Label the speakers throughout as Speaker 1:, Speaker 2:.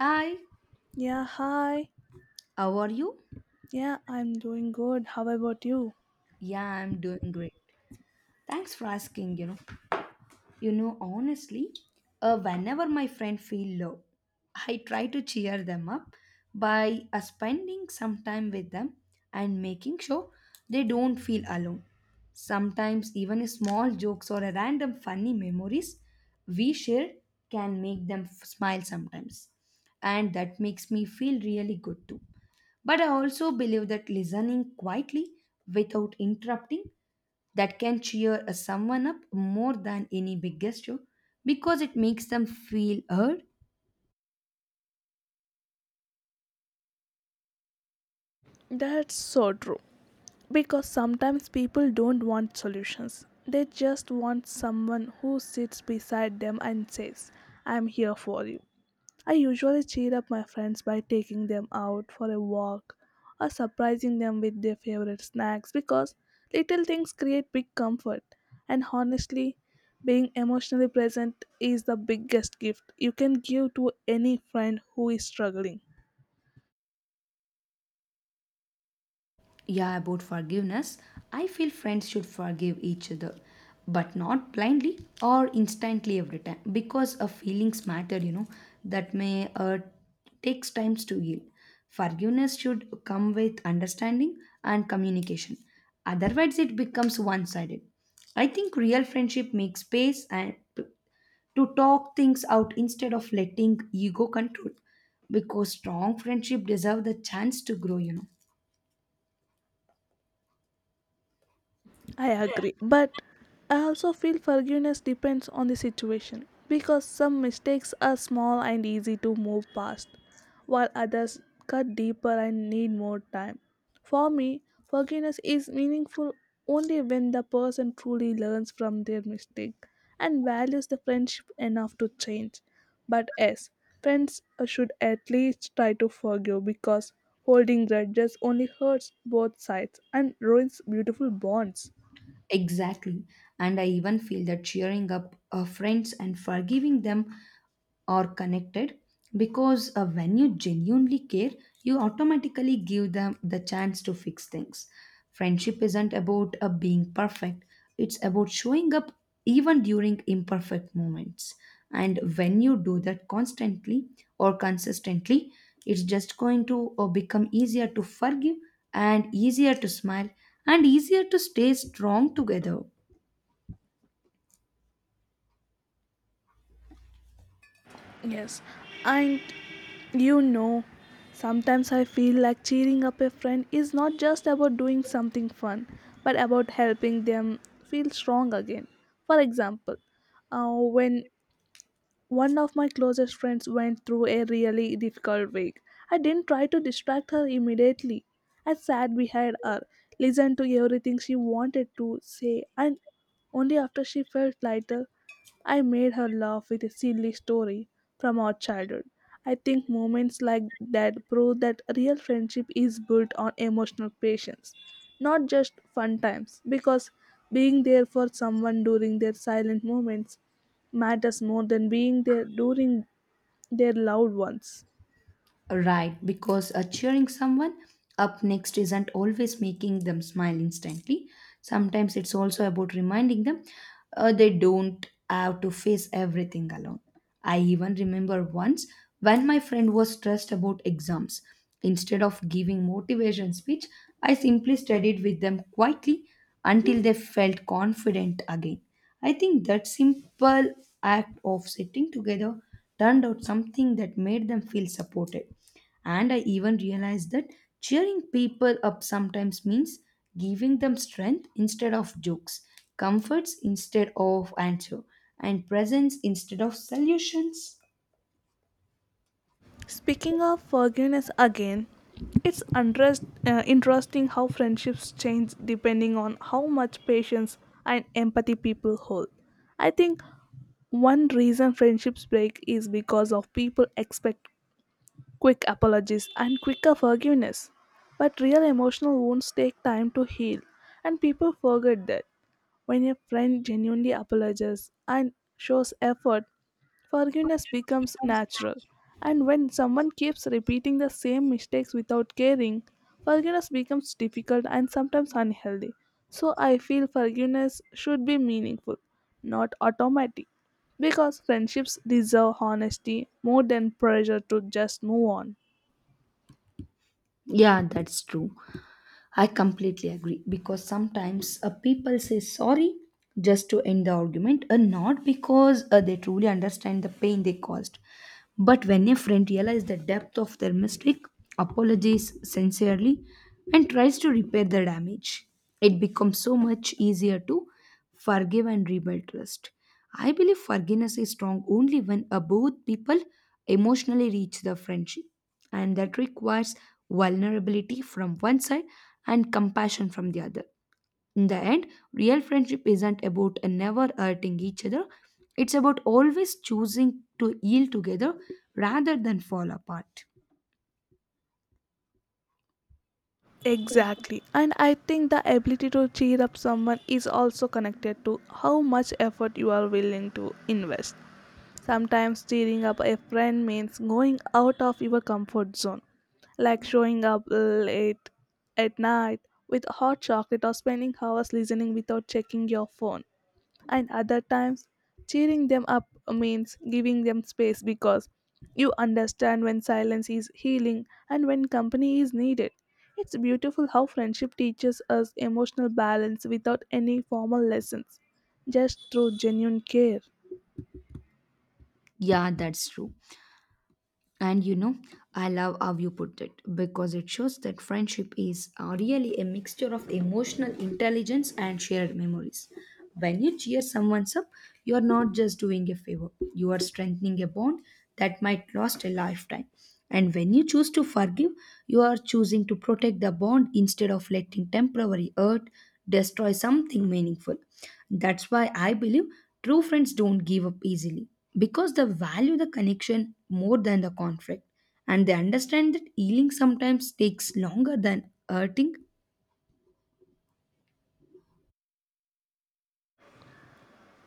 Speaker 1: Hi,
Speaker 2: Yeah, hi.
Speaker 1: how are you?
Speaker 2: Yeah, I'm doing good. How about you?
Speaker 1: Yeah, I'm doing great. Thanks for asking, Honestly, whenever my friend feel low, I try to cheer them up by spending some time with them and making sure they don't feel alone. Sometimes even small jokes or a random funny memories we share can make them smile sometimes. And that makes me feel really good too. But I also believe that listening quietly without interrupting, that can cheer a someone up more than any big gesture because it makes them feel heard.
Speaker 2: That's so true. Because sometimes people don't want solutions. They just want someone who sits beside them and says, I'm here for you. I usually cheer up my friends by taking them out for a walk or surprising them with their favorite snacks because little things create big comfort. And honestly, being emotionally present is the biggest gift you can give to any friend who is struggling.
Speaker 1: Yeah, about forgiveness, I feel friends should forgive each other, but not blindly or instantly every time because of feelings matter, that may takes times to heal. Forgiveness should come with understanding and communication. Otherwise, it becomes one sided. I think real friendship makes space and to talk things out instead of letting ego control because strong friendship deserve the chance to grow.
Speaker 2: I agree, but I also feel forgiveness depends on the situation because some mistakes are small and easy to move past, while others cut deeper and need more time. For me, forgiveness is meaningful only when the person truly learns from their mistake and values the friendship enough to change. But yes, friends should at least try to forgive because holding grudges only hurts both sides and ruins beautiful bonds.
Speaker 1: Exactly, and I even feel that cheering up friends and forgiving them or connected because when you genuinely care, you automatically give them the chance to fix things. Friendship isn't about being perfect, it's about showing up even during imperfect moments. And when you do that constantly or consistently, it's just going to become easier to forgive and easier to smile and easier to stay strong together.
Speaker 2: Yes, and you know, sometimes I feel like cheering up a friend is not just about doing something fun, but about helping them feel strong again. For example, when one of my closest friends went through a really difficult week. I didn't try to distract her immediately. I sat behind her, listened to everything she wanted to say, and only after she felt lighter, I made her laugh with a silly story from our childhood. I think moments like that prove that real friendship is built on emotional patience, not just fun times, because being there for someone during their silent moments matters more than being there during their loved ones.
Speaker 1: Right, because cheering someone up next isn't always making them smile instantly. Sometimes it's also about reminding them they don't have to face everything alone. I even remember once when my friend was stressed about exams. Instead of giving motivation speech, I simply studied with them quietly until they felt confident again. I think that simple act of sitting together turned out something that made them feel supported. And I even realized that cheering people up sometimes means giving them strength instead of jokes, comforts instead of answer, and presence instead of solutions.
Speaker 2: Speaking of forgiveness again, it's interesting how friendships change depending on how much patience and empathy people hold. I think one reason friendships break is because of people expect quick apologies and quicker forgiveness. But real emotional wounds take time to heal, and people forget that. When a friend genuinely apologizes and shows effort, forgiveness becomes natural. And when someone keeps repeating the same mistakes without caring, forgiveness becomes difficult and sometimes unhealthy. So I feel forgiveness should be meaningful, not automatic. Because friendships deserve honesty more than pressure to just move on.
Speaker 1: Yeah, that's true. I completely agree because sometimes people say sorry just to end the argument and not because they truly understand the pain they caused. But when a friend realizes the depth of their mistake, apologizes sincerely, and tries to repair the damage, it becomes so much easier to forgive and rebuild trust. I believe forgiveness is strong only when both people emotionally reach the friendship, and that requires vulnerability from one side and compassion from the other. In the end, real friendship isn't about never hurting each other, it's about always choosing to heal together rather than fall apart.
Speaker 2: Exactly. And I think the ability to cheer up someone is also connected to how much effort you are willing to invest. Sometimes cheering up a friend means going out of your comfort zone, like showing up late at night with hot chocolate or spending hours listening without checking your phone. And other times cheering them up means giving them space because you understand when silence is healing and when company is needed. It's beautiful how friendship teaches us emotional balance without any formal lessons, just through genuine care.
Speaker 1: Yeah, that's true. And you know, I love how you put it because it shows that friendship is really a mixture of emotional intelligence and shared memories. When you cheer someone up, you are not just doing a favor, you are strengthening a bond that might last a lifetime. And when you choose to forgive, you are choosing to protect the bond instead of letting temporary hurt destroy something meaningful. That's why I believe true friends don't give up easily because they value the connection more than the conflict, and they understand that healing sometimes takes longer than hurting.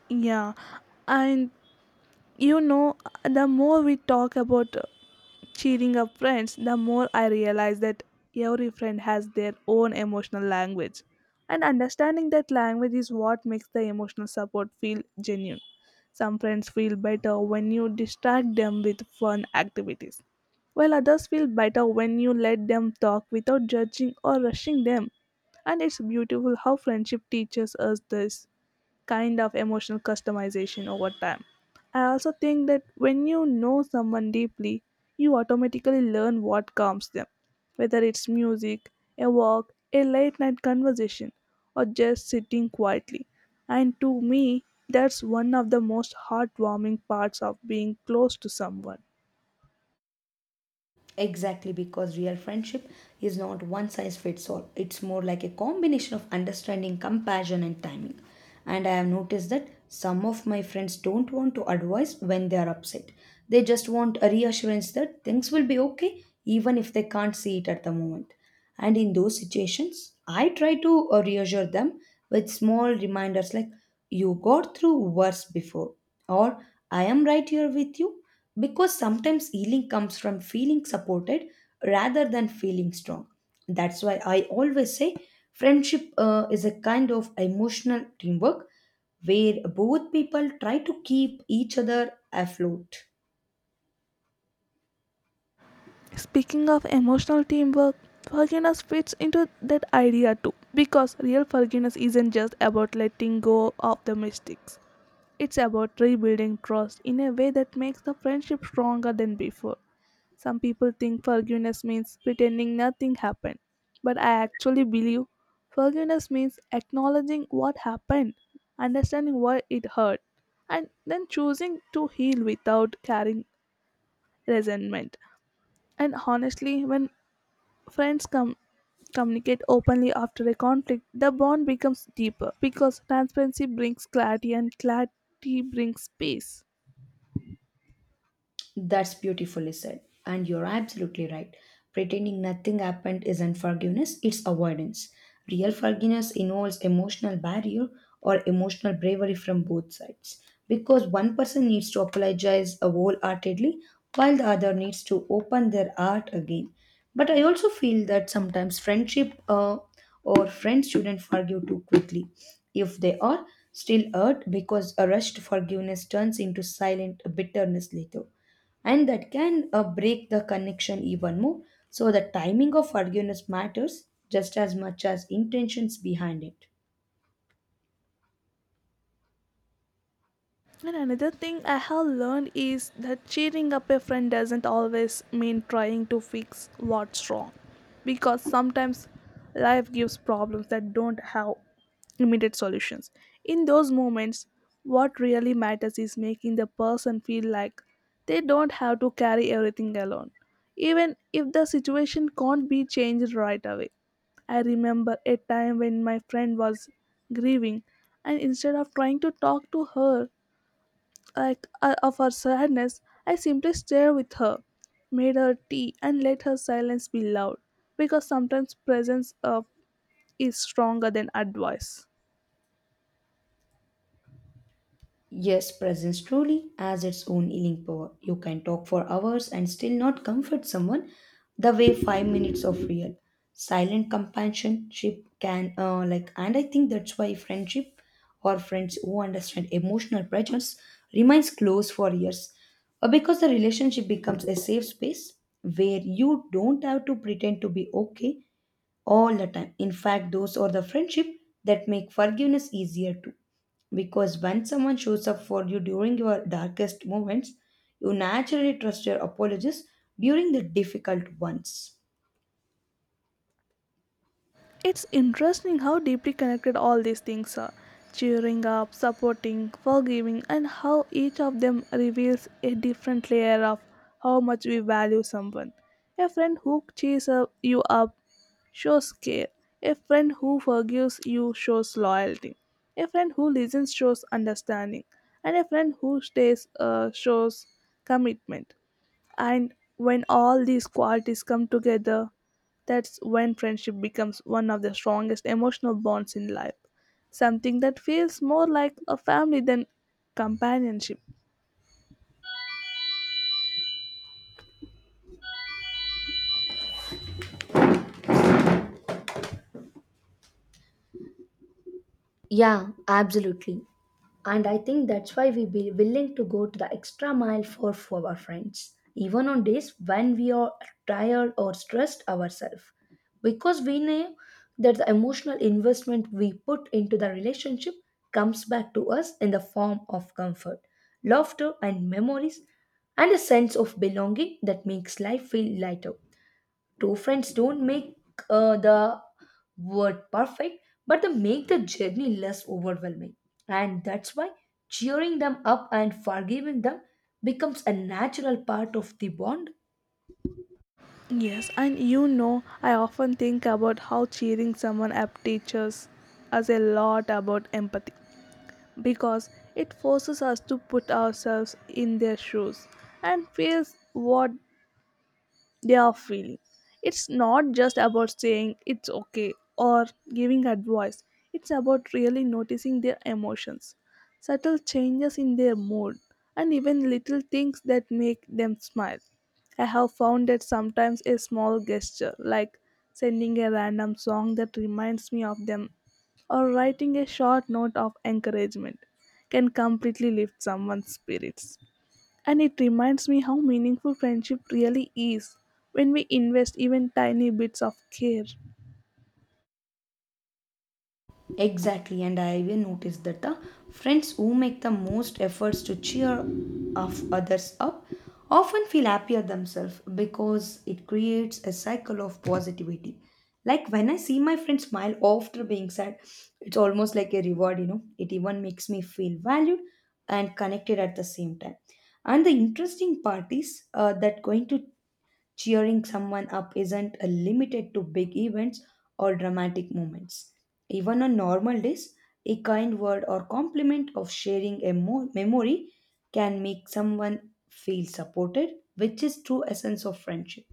Speaker 2: Yeah, and you know, the more we talk about cheering up friends, the more I realize that every friend has their own emotional language. And understanding that language is what makes the emotional support feel genuine. Some friends feel better when you distract them with fun activities, while others feel better when you let them talk without judging or rushing them. And it's beautiful how friendship teaches us this kind of emotional customization over time. I also think that when you know someone deeply, you automatically learn what calms them, whether it's music, a walk, a late night conversation, or just sitting quietly. And to me, that's one of the most heartwarming parts of being close to someone.
Speaker 1: Exactly, because real friendship is not one size fits all. It's more like a combination of understanding, compassion, and timing. And I have noticed that some of my friends don't want to advise when they are upset. They just want a reassurance that things will be okay even if they can't see it at the moment. And in those situations, I try to reassure them with small reminders like, "You got through worse before," or "I am right here with you," because sometimes healing comes from feeling supported rather than feeling strong. That's why I always say friendship is a kind of emotional teamwork where both people try to keep each other afloat.
Speaker 2: Speaking of emotional teamwork, forgiveness fits into that idea too, because real forgiveness isn't just about letting go of the mistakes. It's about rebuilding trust in a way that makes the friendship stronger than before. Some people think forgiveness means pretending nothing happened, but I actually believe forgiveness means acknowledging what happened, understanding why it hurt, and then choosing to heal without carrying resentment. And honestly, when friends come communicate openly after a conflict, the bond becomes deeper because transparency brings clarity and clarity brings peace.
Speaker 1: That's beautifully said. And you're absolutely right. Pretending nothing happened isn't forgiveness, it's avoidance. Real forgiveness involves emotional barrier or emotional bravery from both sides. Because one person needs to apologize wholeheartedly while the other needs to open their heart again. But I also feel that sometimes friendship or friends shouldn't forgive too quickly if they are still hurt, because a rushed forgiveness turns into silent bitterness later, and that can break the connection even more. So the timing of forgiveness matters just as much as intentions behind it.
Speaker 2: And another thing I have learned is that cheering up a friend doesn't always mean trying to fix what's wrong. Because sometimes life gives problems that don't have immediate solutions. In those moments, what really matters is making the person feel like they don't have to carry everything alone, even if the situation can't be changed right away. I remember a time when my friend was grieving, and instead of trying to talk to her, like of her sadness, I simply stared with her, made her tea, and let her silence be loud, because sometimes presence is stronger than advice.
Speaker 1: Yes, presence truly has its own healing power. You can talk for hours and still not comfort someone the way 5 minutes of real silent companionship can, and I think that's why friendship or friends who understand emotional pressures remains close for years. Because the relationship becomes a safe space where you don't have to pretend to be okay all the time. In fact, those are the friendship that make forgiveness easier too. Because when someone shows up for you during your darkest moments, you naturally trust your apologies during the difficult ones.
Speaker 2: It's interesting how deeply connected all these things are: cheering up, supporting, forgiving, and how each of them reveals a different layer of how much we value someone. A friend who you up shows care, a friend who forgives you shows loyalty, a friend who listens shows understanding, and a friend who stays shows commitment. And when all these qualities come together, that's when friendship becomes one of the strongest emotional bonds in life. Something that feels more like a family than companionship.
Speaker 1: Yeah, absolutely. And I think that's why we be willing to go to the extra mile for our friends, even on days when we are tired or stressed ourselves. Because we know that the emotional investment we put into the relationship comes back to us in the form of comfort, laughter, and memories, and a sense of belonging that makes life feel lighter. Two friends don't make the word perfect, but they make the journey less overwhelming. And that's why cheering them up and forgiving them becomes a natural part of the bond.
Speaker 2: Yes, and you know, I often think about how cheering someone up teaches us a lot about empathy because it forces us to put ourselves in their shoes and feels what they are feeling. It's not just about saying it's okay or giving advice, it's about really noticing their emotions, subtle changes in their mood, and even little things that make them smile. I have found that sometimes a small gesture, like sending a random song that reminds me of them or writing a short note of encouragement, can completely lift someone's spirits. And it reminds me how meaningful friendship really is when we invest even tiny bits of care.
Speaker 1: Exactly, and I even noticed that the friends who make the most efforts to cheer of others up often feel happier themselves because it creates a cycle of positivity. Like when I see my friend smile after being sad, it's almost like a reward, you know. It even makes me feel valued and connected at the same time. And the interesting part is that going to cheering someone up isn't limited to big events or dramatic moments. Even on normal days, a kind word or compliment of sharing a memory can make someone feel supported, which is true essence of friendship.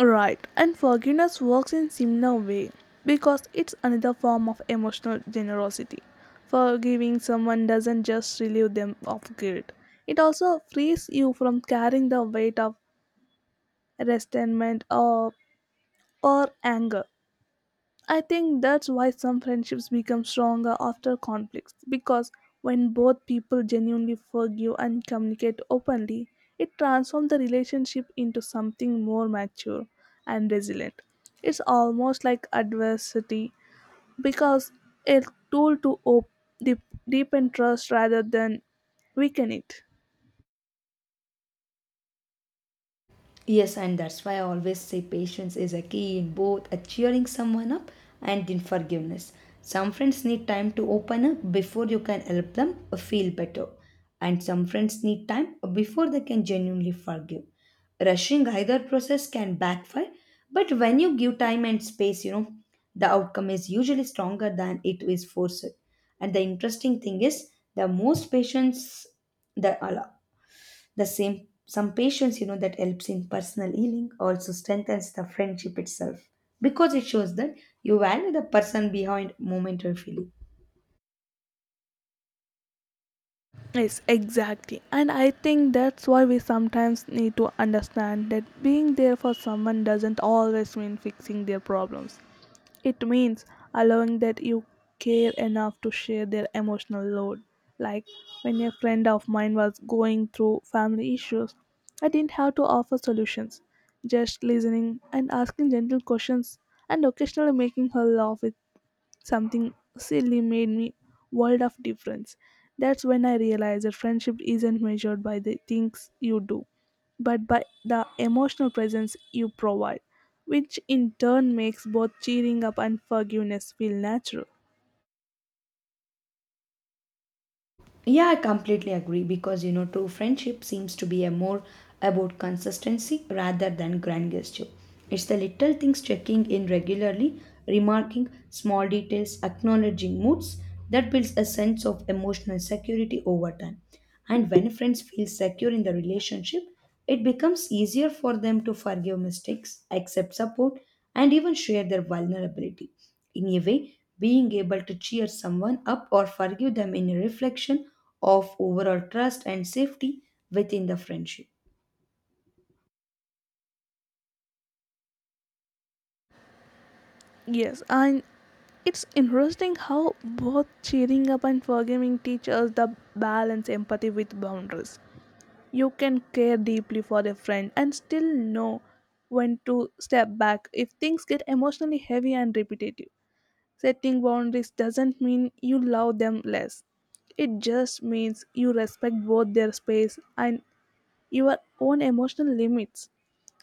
Speaker 2: Right, and forgiveness works in similar way because it's another form of emotional generosity. Forgiving someone doesn't just relieve them of guilt. It also frees you from carrying the weight of resentment or anger. I think that's why some friendships become stronger after conflicts because when both people genuinely forgive and communicate openly, it transforms the relationship into something more mature and resilient. It's almost like adversity because a tool to deep- deepen trust rather than weaken it.
Speaker 1: Yes, and that's why I always say patience is a key in both a cheering someone up and in forgiveness. Some friends need time to open up before you can help them feel better, and some friends need time before they can genuinely forgive. Rushing either process can backfire, but when you give time and space, you know, the outcome is usually stronger than it is forced. And the interesting thing is, the most patience, the the same some patience, you know, that helps in personal healing also strengthens the friendship itself because it shows that you value the person behind momentary feeling.
Speaker 2: Yes, exactly. And I think that's why we sometimes need to understand that being there for someone doesn't always mean fixing their problems. It means allowing that you care enough to share their emotional load. Like when a friend of mine was going through family issues, I didn't have to offer solutions, just listening and asking gentle questions and occasionally making her laugh with something silly made me world of difference. That's when I realized that friendship isn't measured by the things you do, but by the emotional presence you provide, which in turn makes both cheering up and forgiveness feel natural.
Speaker 1: Yeah, I completely agree because you know, true friendship seems to be a more about consistency rather than grand gesture. It's the little things, checking in regularly, remarking small details, acknowledging moods, that builds a sense of emotional security over time. And when friends feel secure in the relationship, it becomes easier for them to forgive mistakes, accept support, and even share their vulnerability. In a way, being able to cheer someone up or forgive them in a reflection of overall trust and safety within the friendship.
Speaker 2: Yes, and it's interesting how both cheering up and forgiving teach us the balance empathy with boundaries. You can care deeply for a friend and still know when to step back if things get emotionally heavy and repetitive. Setting boundaries doesn't mean you love them less. It just means you respect both their space and your own emotional limits.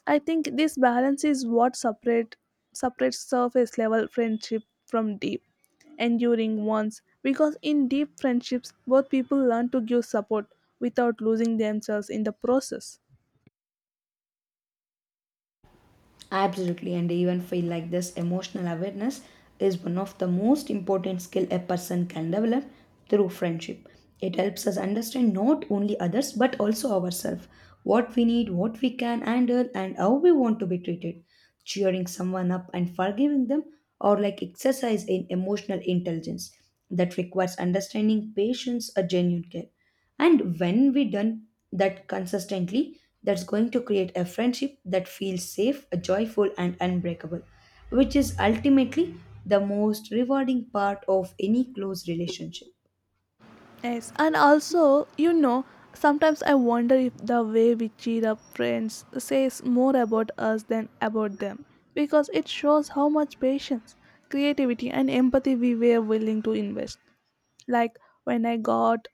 Speaker 2: I think this balance is what separates surface level friendship from deep, enduring ones. Because in deep friendships, both people learn to give support without losing themselves in the process.
Speaker 1: Absolutely, and I even feel like this emotional awareness is one of the most important skill a person can develop through friendship. It helps us understand not only others but also ourselves, what we need, what we can handle, and how we want to be treated. Cheering someone up and forgiving them are like exercise in emotional intelligence that requires understanding, patience, a genuine care. And when we done that consistently, that's going to create a friendship that feels safe, joyful, and unbreakable, which is ultimately the most rewarding part of any close relationship.
Speaker 2: Yes, and also, you know, sometimes I wonder if the way we cheer up friends says more about us than about them because it shows how much patience, creativity, and empathy we were willing to invest. Like when I got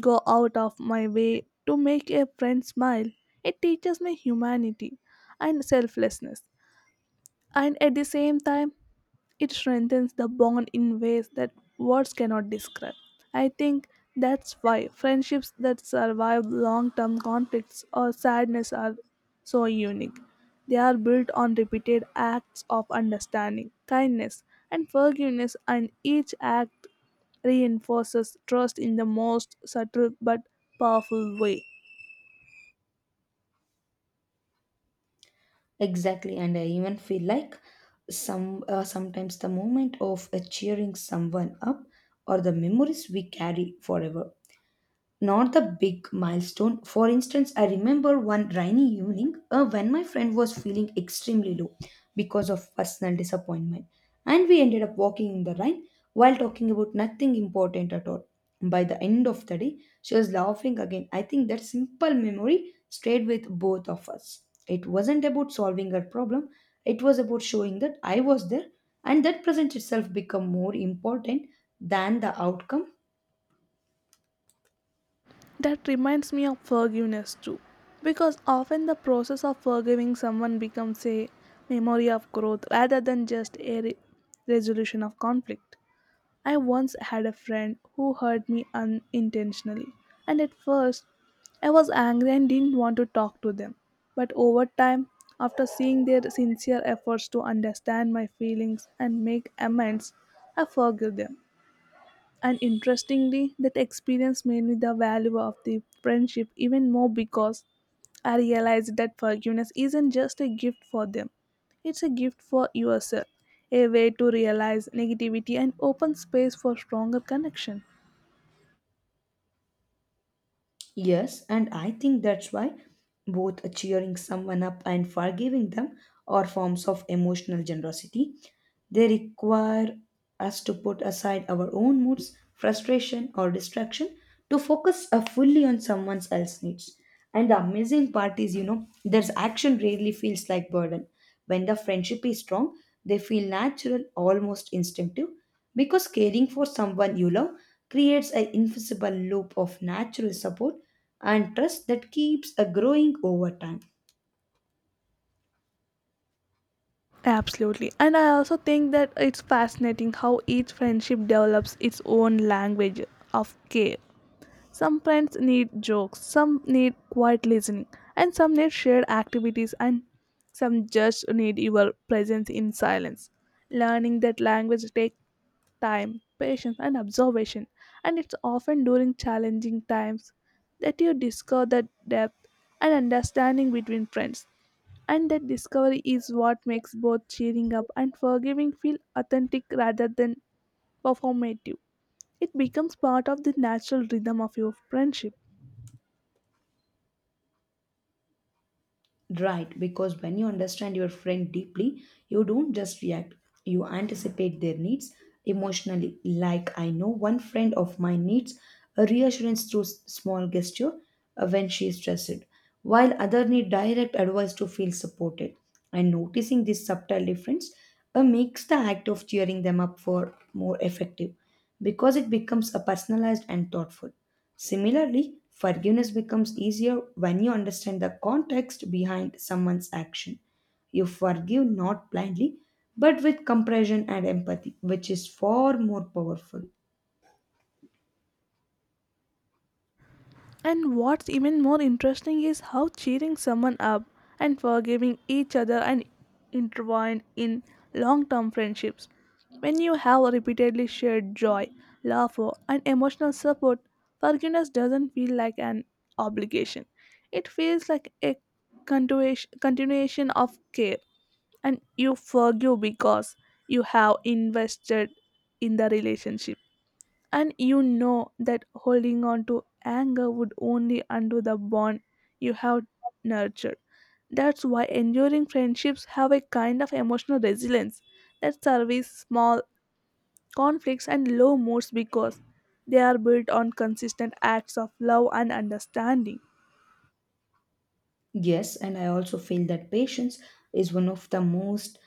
Speaker 2: go out of my way to make a friend smile, it teaches me humanity and selflessness. And at the same time, it strengthens the bond in ways that words cannot describe. I think that's why friendships that survive long term conflicts or sadness are so unique. They are built on repeated acts of understanding, kindness, and forgiveness, and each act reinforces trust in the most subtle but powerful way.
Speaker 1: Exactly, and I even feel like sometimes the moment of cheering someone up or the memories we carry forever, not the big milestone. For instance, I remember one rainy evening when my friend was feeling extremely low because of personal disappointment, and we ended up walking in the rain while talking about nothing important at all. By the end of the day, she was laughing again. I think that simple memory stayed with both of us. It wasn't about solving her problem, it was about showing that I was there, and that present itself became more important than the outcome.
Speaker 2: That reminds me of forgiveness too, because often the process of forgiving someone becomes a memory of growth rather than just a resolution of conflict. I once had a friend who hurt me unintentionally, and at first I was angry and didn't want to talk to them. But over time, after seeing their sincere efforts to understand my feelings and make amends, I forgave them. And interestingly, that experience made me the value of the friendship even more because I realized that forgiveness isn't just a gift for them, it's a gift for yourself, a way to realize negativity and open space for stronger connection.
Speaker 1: Yes, and I think that's why both cheering someone up and forgiving them are forms of emotional generosity. They require us to put aside our own moods, frustration, or distraction to focus fully on someone else's needs. And the amazing part is, you know, there's action rarely feels like burden. When the friendship is strong, they feel natural, almost instinctive, because caring for someone you love creates an invisible loop of natural support and trust that keeps a growing over time.
Speaker 2: Absolutely. And I also think that it's fascinating how each friendship develops its own language of care. Some friends need jokes, some need quiet listening, and some need shared activities, and some just need your presence in silence. Learning that language takes time, patience, and observation, and it's often during challenging times that you discover the depth and understanding between friends. And that discovery is what makes both cheering up and forgiving feel authentic rather than performative. It becomes part of the natural rhythm of your friendship.
Speaker 1: Right, because when you understand your friend deeply, you don't just react, you anticipate their needs emotionally. Like I know one friend of mine needs a reassurance through small gesture when she is stressed, while other need direct advice to feel supported. And noticing this subtle difference makes the act of cheering them up for more effective because it becomes a personalized and thoughtful. Similarly, forgiveness becomes easier when you understand the context behind someone's action. You forgive not blindly, but with compassion and empathy, which is far more powerful.
Speaker 2: And what's even more interesting is how cheering someone up and forgiving each other and intertwined in long-term friendships. When you have repeatedly shared joy, laughter, and emotional support, forgiveness doesn't feel like an obligation. It feels like a continuation of care, and you forgive because you have invested in the relationship. And you know that holding on to anger would only undo the bond you have nurtured. That's why enduring friendships have a kind of emotional resilience that survives small conflicts and low moods because they are built on consistent acts of love and understanding.
Speaker 1: Yes, and I also feel that patience is one of the most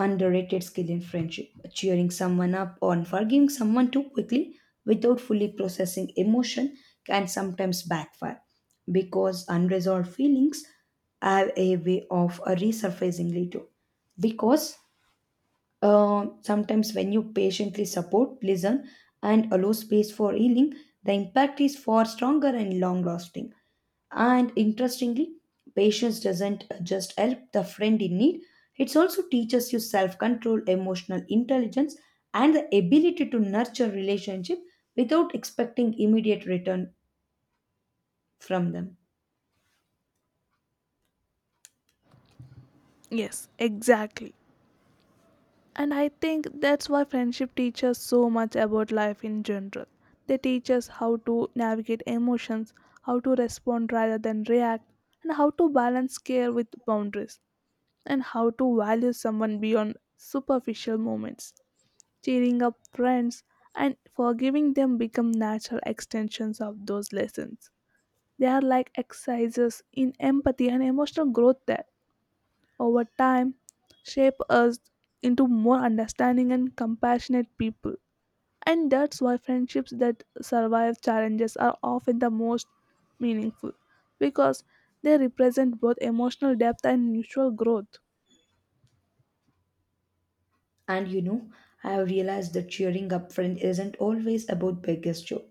Speaker 1: underrated skill in friendship. Cheering someone up or forgiving someone too quickly without fully processing emotion can sometimes backfire because unresolved feelings have a way of resurfacing later. Because sometimes when you patiently support, listen, and allow space for healing, the impact is far stronger and long lasting. And interestingly, patience doesn't just help the friend in need, it also teaches you self control, emotional intelligence, and the ability to nurture relationship without expecting immediate return from them.
Speaker 2: Yes, exactly. And I think that's why friendship teaches so much about life in general. They teach us how to navigate emotions, how to respond rather than react, and how to balance care with boundaries, and how to value someone beyond superficial moments. Cheering up friends and forgiving them become natural extensions of those lessons. They are like exercises in empathy and emotional growth there over time shape us into more understanding and compassionate people. And that's why friendships that survive challenges are often the most meaningful because they represent both emotional depth and mutual growth.
Speaker 1: And you know, I have realized that cheering up friend isn't always about biggest joy.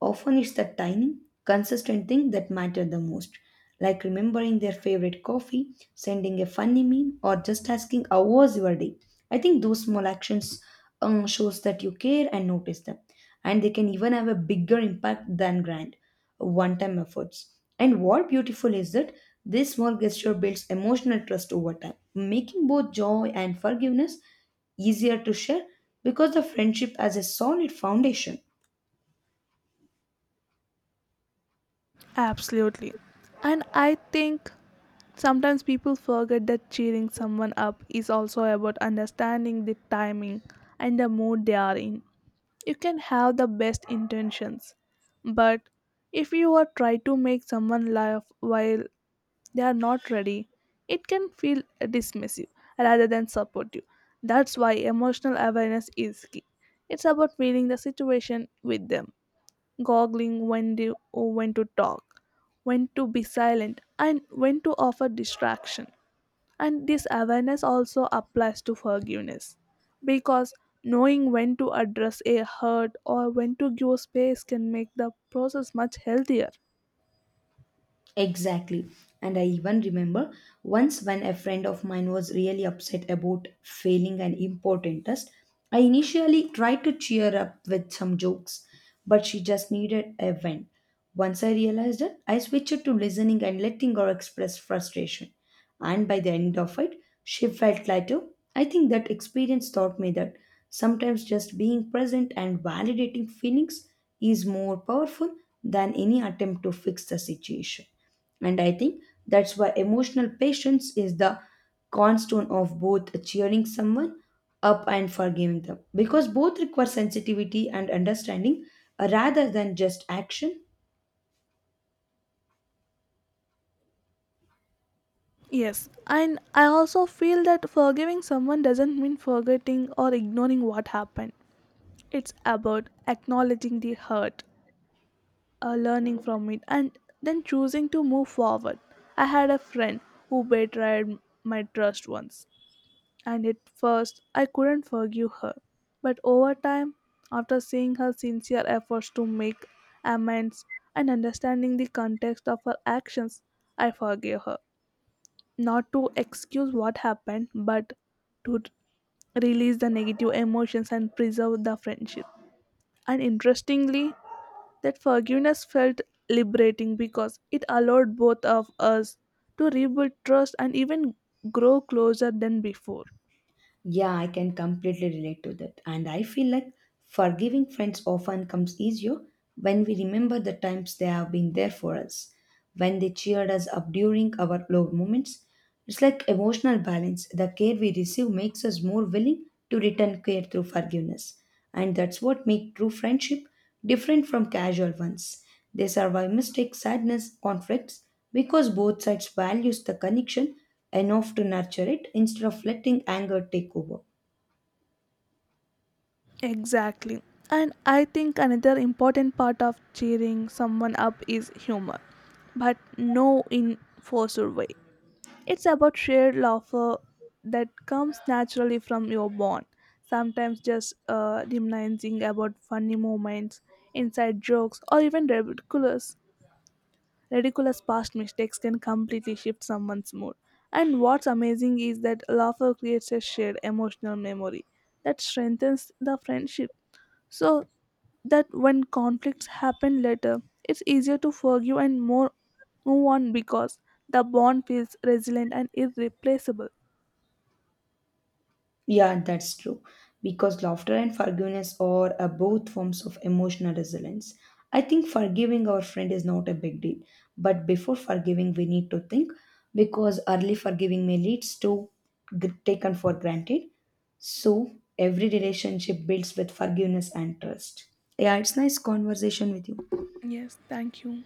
Speaker 1: Often it's the tiny, consistent thing that matter the most, like remembering their favorite coffee, sending a funny meme, or just asking how was your day. I think those small actions shows that you care and notice them, and they can even have a bigger impact than grand one-time efforts. And what beautiful is that this small gesture builds emotional trust over time, making both joy and forgiveness easier to share because the friendship has a solid foundation.
Speaker 2: Absolutely. And I think sometimes people forget that cheering someone up is also about understanding the timing and the mood they are in. You can have the best intentions, but if you are trying to make someone laugh while they are not ready, it can feel dismissive rather than supportive. That's why emotional awareness is key. It's about feeling the situation with them, goggling when to talk, when to be silent, and when to offer distraction. And this awareness also applies to forgiveness because knowing when to address a hurt or when to give space can make the process much healthier.
Speaker 1: Exactly. And I even remember once when a friend of mine was really upset about failing an important test, I initially tried to cheer up with some jokes, but she just needed a vent. Once I realized it, I switched to listening and letting her express frustration. And by the end of it, she felt lighter. I think that experience taught me that sometimes just being present and validating feelings is more powerful than any attempt to fix the situation. And I think that's why emotional patience is the cornerstone of both cheering someone up and forgiving them because both require sensitivity and understanding rather than just action.
Speaker 2: Yes, and I also feel that forgiving someone doesn't mean forgetting or ignoring what happened. It's about acknowledging the hurt, learning from it, and then choosing to move forward. I had a friend who betrayed my trust once, and at first I couldn't forgive her. But over time, after seeing her sincere efforts to make amends and understanding the context of her actions, I forgave her. Not to excuse what happened, but to release the negative emotions and preserve the friendship. And interestingly, that forgiveness felt liberating because it allowed both of us to rebuild trust and even grow closer than before.
Speaker 1: Yeah, I can completely relate to that. And I feel like forgiving friends often comes easier when we remember the times they have been there for us, when they cheered us up during our low moments. It's like emotional balance. The care we receive makes us more willing to return care through forgiveness. And that's what makes true friendship different from casual ones. They survive mistakes, sadness, conflicts because both sides values the connection enough to nurture it instead of letting anger take over.
Speaker 2: Exactly. And I think another important part of cheering someone up is humor, but no in forced way. It's about shared laughter that comes naturally from your bond. Sometimes just reminiscing about funny moments, inside jokes, or even ridiculous past mistakes can completely shift someone's mood. And what's amazing is that laughter creates a shared emotional memory that strengthens the friendship so that when conflicts happen later, it's easier to forgive and more move on because the bond feels resilient and irreplaceable.
Speaker 1: Yeah, that's true. Because laughter and forgiveness are both forms of emotional resilience. I think forgiving our friend is not a big deal, but before forgiving, we need to think because early forgiving may leads to gr taken for granted. So every relationship builds with forgiveness and trust. Yeah, it's nice conversation with you.
Speaker 2: Yes, thank you.